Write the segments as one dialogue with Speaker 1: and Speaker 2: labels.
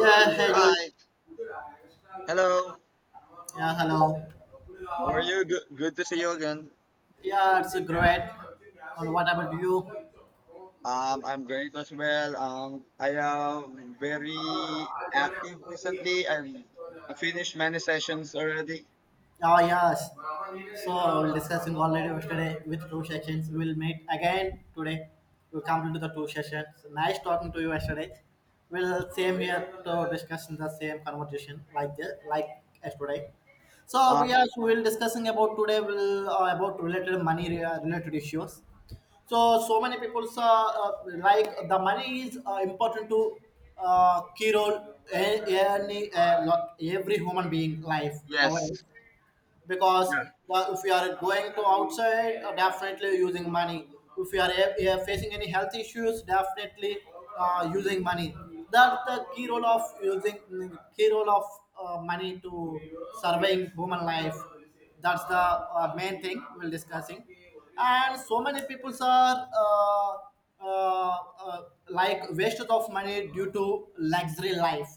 Speaker 1: Yeah, hey Julie.
Speaker 2: Hi. Hello.
Speaker 1: Yeah, hello.
Speaker 2: How are you? Good, good to see you again.
Speaker 1: Yeah, it's great. And what about you?
Speaker 2: I'm great as well. I am very active recently. I finished many sessions already.
Speaker 1: Oh yes. So I will discussing already yesterday with two sessions. We will meet again today. We'll complete the two sessions. So, nice talking to you yesterday. We'll same here to discuss in the same conversation like this, like yesterday. So we
Speaker 2: Um,
Speaker 1: are we will discussing about today will about related money related issues. So so many people like the money is important to key role in, lot every human being life
Speaker 2: yes.
Speaker 1: nowadays because
Speaker 2: Yeah.
Speaker 1: well, if we are going to outside definitely using money. If we are facing any health issues, definitely using money. That's the key role of using key role of money to surveying human life. That's the main thing we're discussing. And so many people are uh, uh, like wasted of money due to luxury life,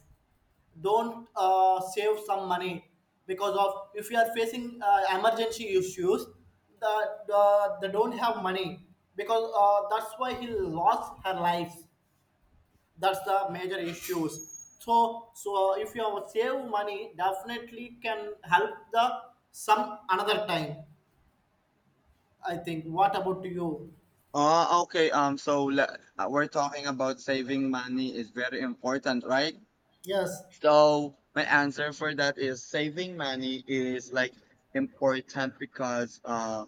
Speaker 1: don't save some money. Because of, if you are facing emergency issues, the they don't have money, because that's why he lost her life. That's the major issues. So so if you have save money, definitely can help the some another time. I think, what about you?
Speaker 2: Oh, okay. So we're talking about saving money is very important, right?
Speaker 1: Yes.
Speaker 2: So my answer for that is saving money is like important because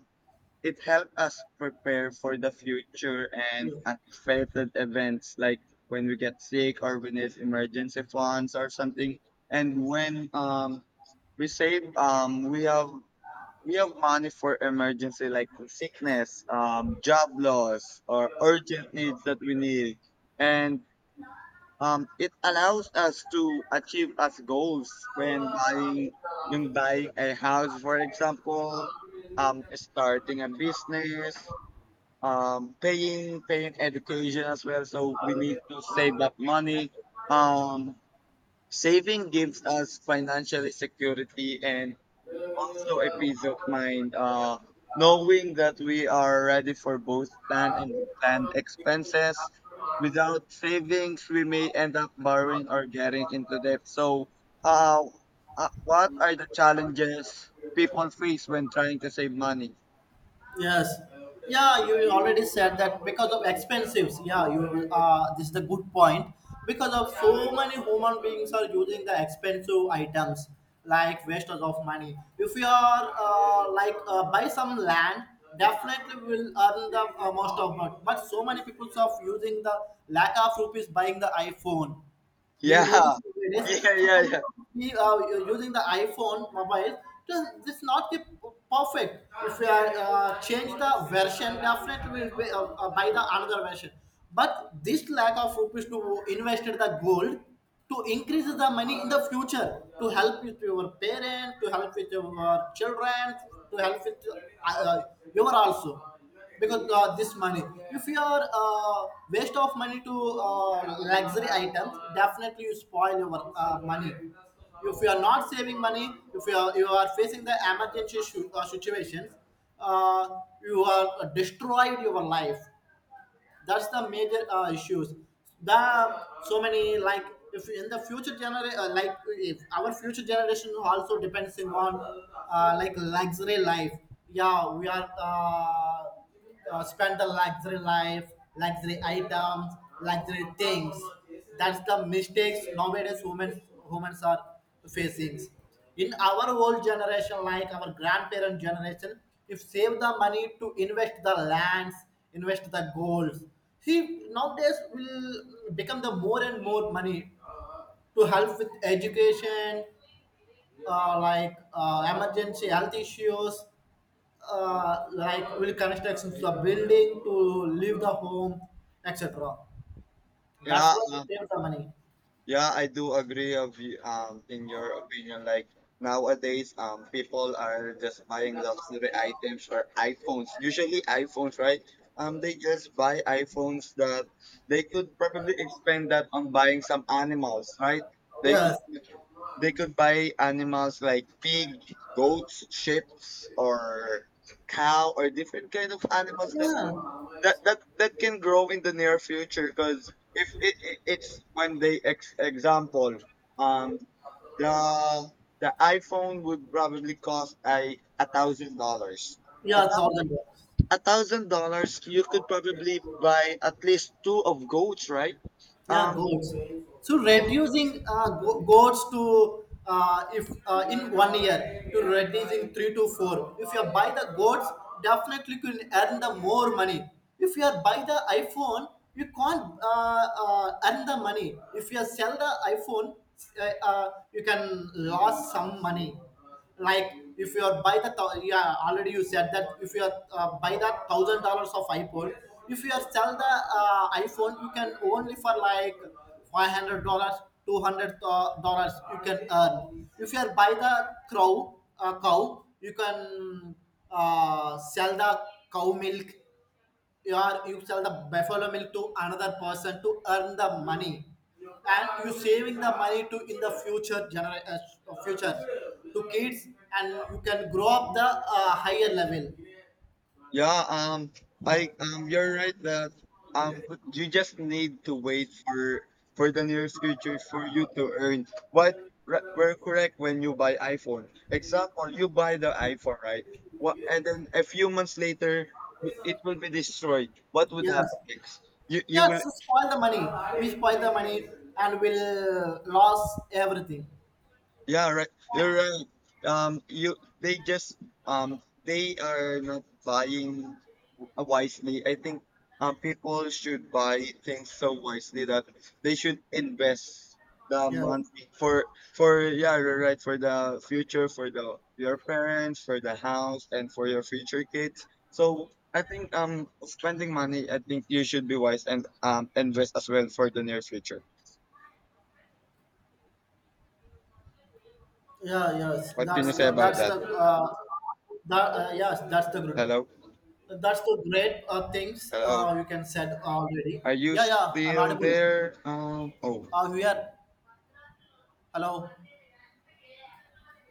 Speaker 2: it helped us prepare for the future and unexpected events like when we get sick or we need emergency funds or something. And when we save, we have money for emergency like sickness, job loss or urgent needs that we need. And it allows us to achieve us goals when buying a house, for example, starting a business, paying education as well. So we need to save that money. Um, saving gives us financial security and also a peace of mind, knowing that we are ready for both planned and planned expenses. Without savings, we may end up borrowing or getting into debt. So, uh, what are the challenges people face when trying to save money?
Speaker 1: Yes. Yeah, you already said that because of expensives. Yeah, you this is the good point. Because of so many human beings are using the expensive items like wasters of money. If you are like buy some land, definitely will earn the most of it. But so many people are using the lack of rupees buying the iPhone. Do you notice
Speaker 2: Yeah,
Speaker 1: it is?
Speaker 2: yeah,
Speaker 1: So
Speaker 2: yeah, yeah,
Speaker 1: we are using the iPhone mobile. So this not the perfect. If we are change the version, definitely we will buy the another version. But this lack of rupees to invest in the gold, to increase the money in the future, to help with your parents, to help with your children, to help with uh, uh, your also. Because this money, if you are waste of money to luxury items, definitely you spoil your money. If you are not saving money, if you are, you are facing the emergency situations, uh, you are destroyed your life. That's the major issues. The so many like, if in the future generation like if our future generation also depending on like luxury life. Yeah, we are spend the luxury life, luxury items, luxury things. That's the mistakes nowadays women humans are facing. In our old generation like our grandparent generation, if save the money to invest the lands, invest the goals, see nowadays will become the more and more money to help with education, like emergency health issues, like will constructions to the building to leave the home, etc. That's
Speaker 2: yeah.
Speaker 1: why you save the money.
Speaker 2: Yeah, I do agree of you, in your opinion. Like nowadays, people are just buying luxury items or iPhones. Usually iPhones, right? They just buy iPhones that they could probably expend that on buying some animals, right? They could
Speaker 1: Yes,
Speaker 2: they could buy animals like pig, goats, sheep, or cow or different kind of animals that
Speaker 1: yeah,
Speaker 2: that can grow in the near future because if it, it's when they example, um the the iphone would probably cost $1,000. a
Speaker 1: yeah,
Speaker 2: thou-
Speaker 1: $1,000.
Speaker 2: $1,000, you could probably buy at least two of goats, right?
Speaker 1: Yeah,
Speaker 2: um
Speaker 1: goats. So reducing goats to if in 1 year to reducing 3 to 4. If you buy the goats, definitely you can earn the more money. If you are buy the iPhone, you can't earn the money. If you sell the iPhone, you can lose some money. Like if you are yeah, already you said that, if you are buy the $1,000 of iphone, if you are sell the iphone, you can only for like $500. $200 you can earn if you are buy the crow cow. You can sell the cow milk. You are, you sell the buffalo milk to another person to earn the money, and you saving the money to in the future to kids, and you can grow up the higher level.
Speaker 2: yeah, I you're right that, but you just need to wait for the nearest future for you to earn. We're correct. When you buy iPhone, example, you buy the iPhone, right? What And then a few months later, it will be destroyed. What would
Speaker 1: Yes.
Speaker 2: happen next? You
Speaker 1: Yes,
Speaker 2: will
Speaker 1: so spoil the money. We spoil the money and will lose everything.
Speaker 2: yeah right. You're right. You they just they are not buying wisely. I think people should buy things so wisely that they should invest the
Speaker 1: Yeah.
Speaker 2: money for yeah, you're right, for the future, for the your parents, for the house and for your future kids. So I think spending money, I think you should be wise and invest as well for the near future.
Speaker 1: Yeah, yes,
Speaker 2: What can you say about
Speaker 1: that's
Speaker 2: that?
Speaker 1: uh, the yes, that's the group.
Speaker 2: Hello,
Speaker 1: That's the great things
Speaker 2: hello.
Speaker 1: you can said already.
Speaker 2: Are you
Speaker 1: Yeah, yeah, I'm
Speaker 2: still
Speaker 1: audible.
Speaker 2: there? Oh.
Speaker 1: Here. Hello.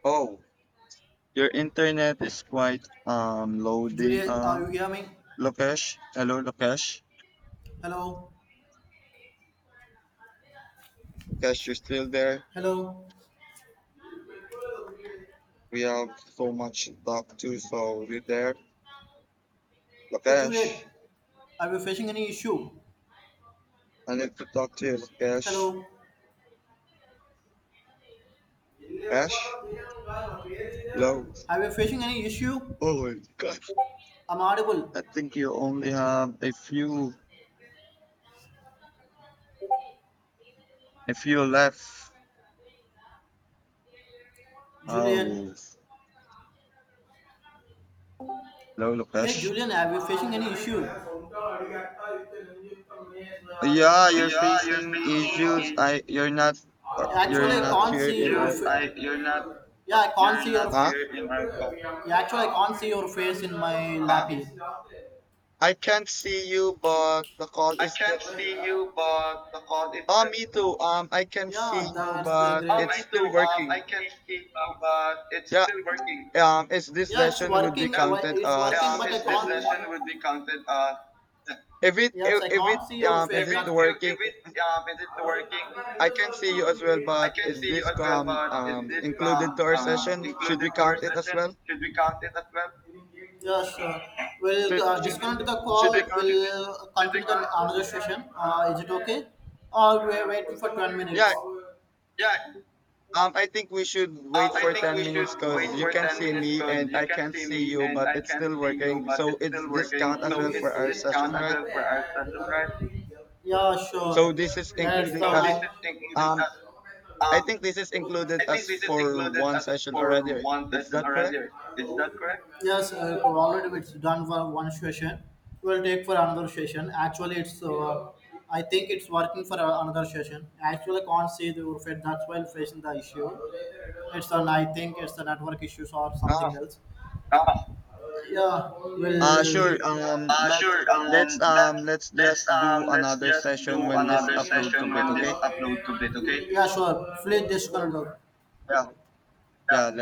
Speaker 2: Oh. Your internet is quite loading
Speaker 1: Juliet, are you
Speaker 2: up.
Speaker 1: hear me?
Speaker 2: Lokesh, hello Lokesh.
Speaker 1: Hello.
Speaker 2: Lokesh, you're still there?
Speaker 1: Hello.
Speaker 2: We have so much to talk to, so you there?
Speaker 1: Hey, Juliet,
Speaker 2: Lokesh,
Speaker 1: are you facing any issue?
Speaker 2: I need to talk to you, Lokesh.
Speaker 1: Hello.
Speaker 2: Lokesh, hello.
Speaker 1: Are you facing any issue?
Speaker 2: Oh my gosh.
Speaker 1: I'm audible.
Speaker 2: I think you only have a few left.
Speaker 1: Julian.
Speaker 2: Oh, hello
Speaker 1: Hey
Speaker 2: Lokesh.
Speaker 1: Julian, are you facing any issue?
Speaker 2: Yeah, you're
Speaker 1: Yeah, you
Speaker 2: facing
Speaker 1: speak.
Speaker 2: issues. I, you're
Speaker 1: Actually, I
Speaker 2: not
Speaker 1: can't
Speaker 2: here
Speaker 1: see
Speaker 2: in
Speaker 1: your
Speaker 2: our
Speaker 1: dude,
Speaker 2: call.
Speaker 1: I yeah, I can't see cannot
Speaker 2: Huh?
Speaker 1: your cannot hear in yeah, actually I can't see your face in my lapis.
Speaker 2: I can't see you, but the call
Speaker 1: I
Speaker 2: is still.
Speaker 1: can't see you, but the call is.
Speaker 2: Oh, me too. I can see
Speaker 1: Yeah,
Speaker 2: you,
Speaker 1: that's the
Speaker 2: but
Speaker 1: great.
Speaker 2: it's
Speaker 1: Great. I do.
Speaker 2: still
Speaker 1: I
Speaker 2: working.
Speaker 1: can see you, but it's
Speaker 2: Yeah.
Speaker 1: still working.
Speaker 2: Is this
Speaker 1: Yeah, it's
Speaker 2: session would be
Speaker 1: working. Yeah.
Speaker 2: counted
Speaker 1: It's working, but
Speaker 2: as
Speaker 1: I is
Speaker 2: yeah.
Speaker 1: this can't. Session would be counted? Yeah. Yes, I
Speaker 2: If
Speaker 1: can't see
Speaker 2: it,
Speaker 1: your face.
Speaker 2: is
Speaker 1: If it,
Speaker 2: it
Speaker 1: that
Speaker 2: working?
Speaker 1: if it, is it
Speaker 2: I can see you as well, but is
Speaker 1: you
Speaker 2: this um included to our session? Should
Speaker 1: included
Speaker 2: we
Speaker 1: to our
Speaker 2: count it as
Speaker 1: session?
Speaker 2: well?
Speaker 1: Should we count it as well? Yes, we'll
Speaker 2: Should should we,
Speaker 1: disconnect the should call.
Speaker 2: should we
Speaker 1: Should, we?
Speaker 2: count?
Speaker 1: We'll should we continue the count? Another session. Is it okay? Or we are waiting for 10 minutes.
Speaker 2: Yeah.
Speaker 1: Yeah.
Speaker 2: I think we should wait
Speaker 1: I
Speaker 2: for
Speaker 1: think
Speaker 2: ten
Speaker 1: we should
Speaker 2: minutes
Speaker 1: wait
Speaker 2: because you
Speaker 1: for
Speaker 2: can
Speaker 1: 10
Speaker 2: see
Speaker 1: minutes
Speaker 2: me
Speaker 1: because
Speaker 2: and
Speaker 1: you
Speaker 2: I
Speaker 1: can
Speaker 2: can't
Speaker 1: see
Speaker 2: see
Speaker 1: me
Speaker 2: you,
Speaker 1: and
Speaker 2: but
Speaker 1: I
Speaker 2: it's
Speaker 1: can't
Speaker 2: still
Speaker 1: see you,
Speaker 2: working.
Speaker 1: but
Speaker 2: So
Speaker 1: it's
Speaker 2: it's
Speaker 1: still
Speaker 2: this
Speaker 1: working.
Speaker 2: count as well for our session, right?
Speaker 1: So, yeah, sure.
Speaker 2: So this is
Speaker 1: That's the
Speaker 2: included
Speaker 1: so this I.
Speaker 2: as
Speaker 1: is line. Taking
Speaker 2: um
Speaker 1: the
Speaker 2: I
Speaker 1: um,
Speaker 2: think this is included as for
Speaker 1: included
Speaker 2: one
Speaker 1: as
Speaker 2: session
Speaker 1: for
Speaker 2: already.
Speaker 1: one
Speaker 2: Is
Speaker 1: session
Speaker 2: that
Speaker 1: already.
Speaker 2: correct?
Speaker 1: Yes, already it's done for one session. We'll take for another session. Actually, it's I think it's working for another session. Actually, can't see the Urfed. That's why I'm facing the issue. It's an I think it's the network issues or something
Speaker 2: Ah,
Speaker 1: else. Ah, yeah, will
Speaker 2: sure.
Speaker 1: sure.
Speaker 2: Let's
Speaker 1: Let's
Speaker 2: let's just do
Speaker 1: let's
Speaker 2: another
Speaker 1: just do
Speaker 2: session when this upload complete. Okay.
Speaker 1: yeah, sure. Please disconnect the
Speaker 2: Yeah.
Speaker 1: call. Yeah.
Speaker 2: Yeah.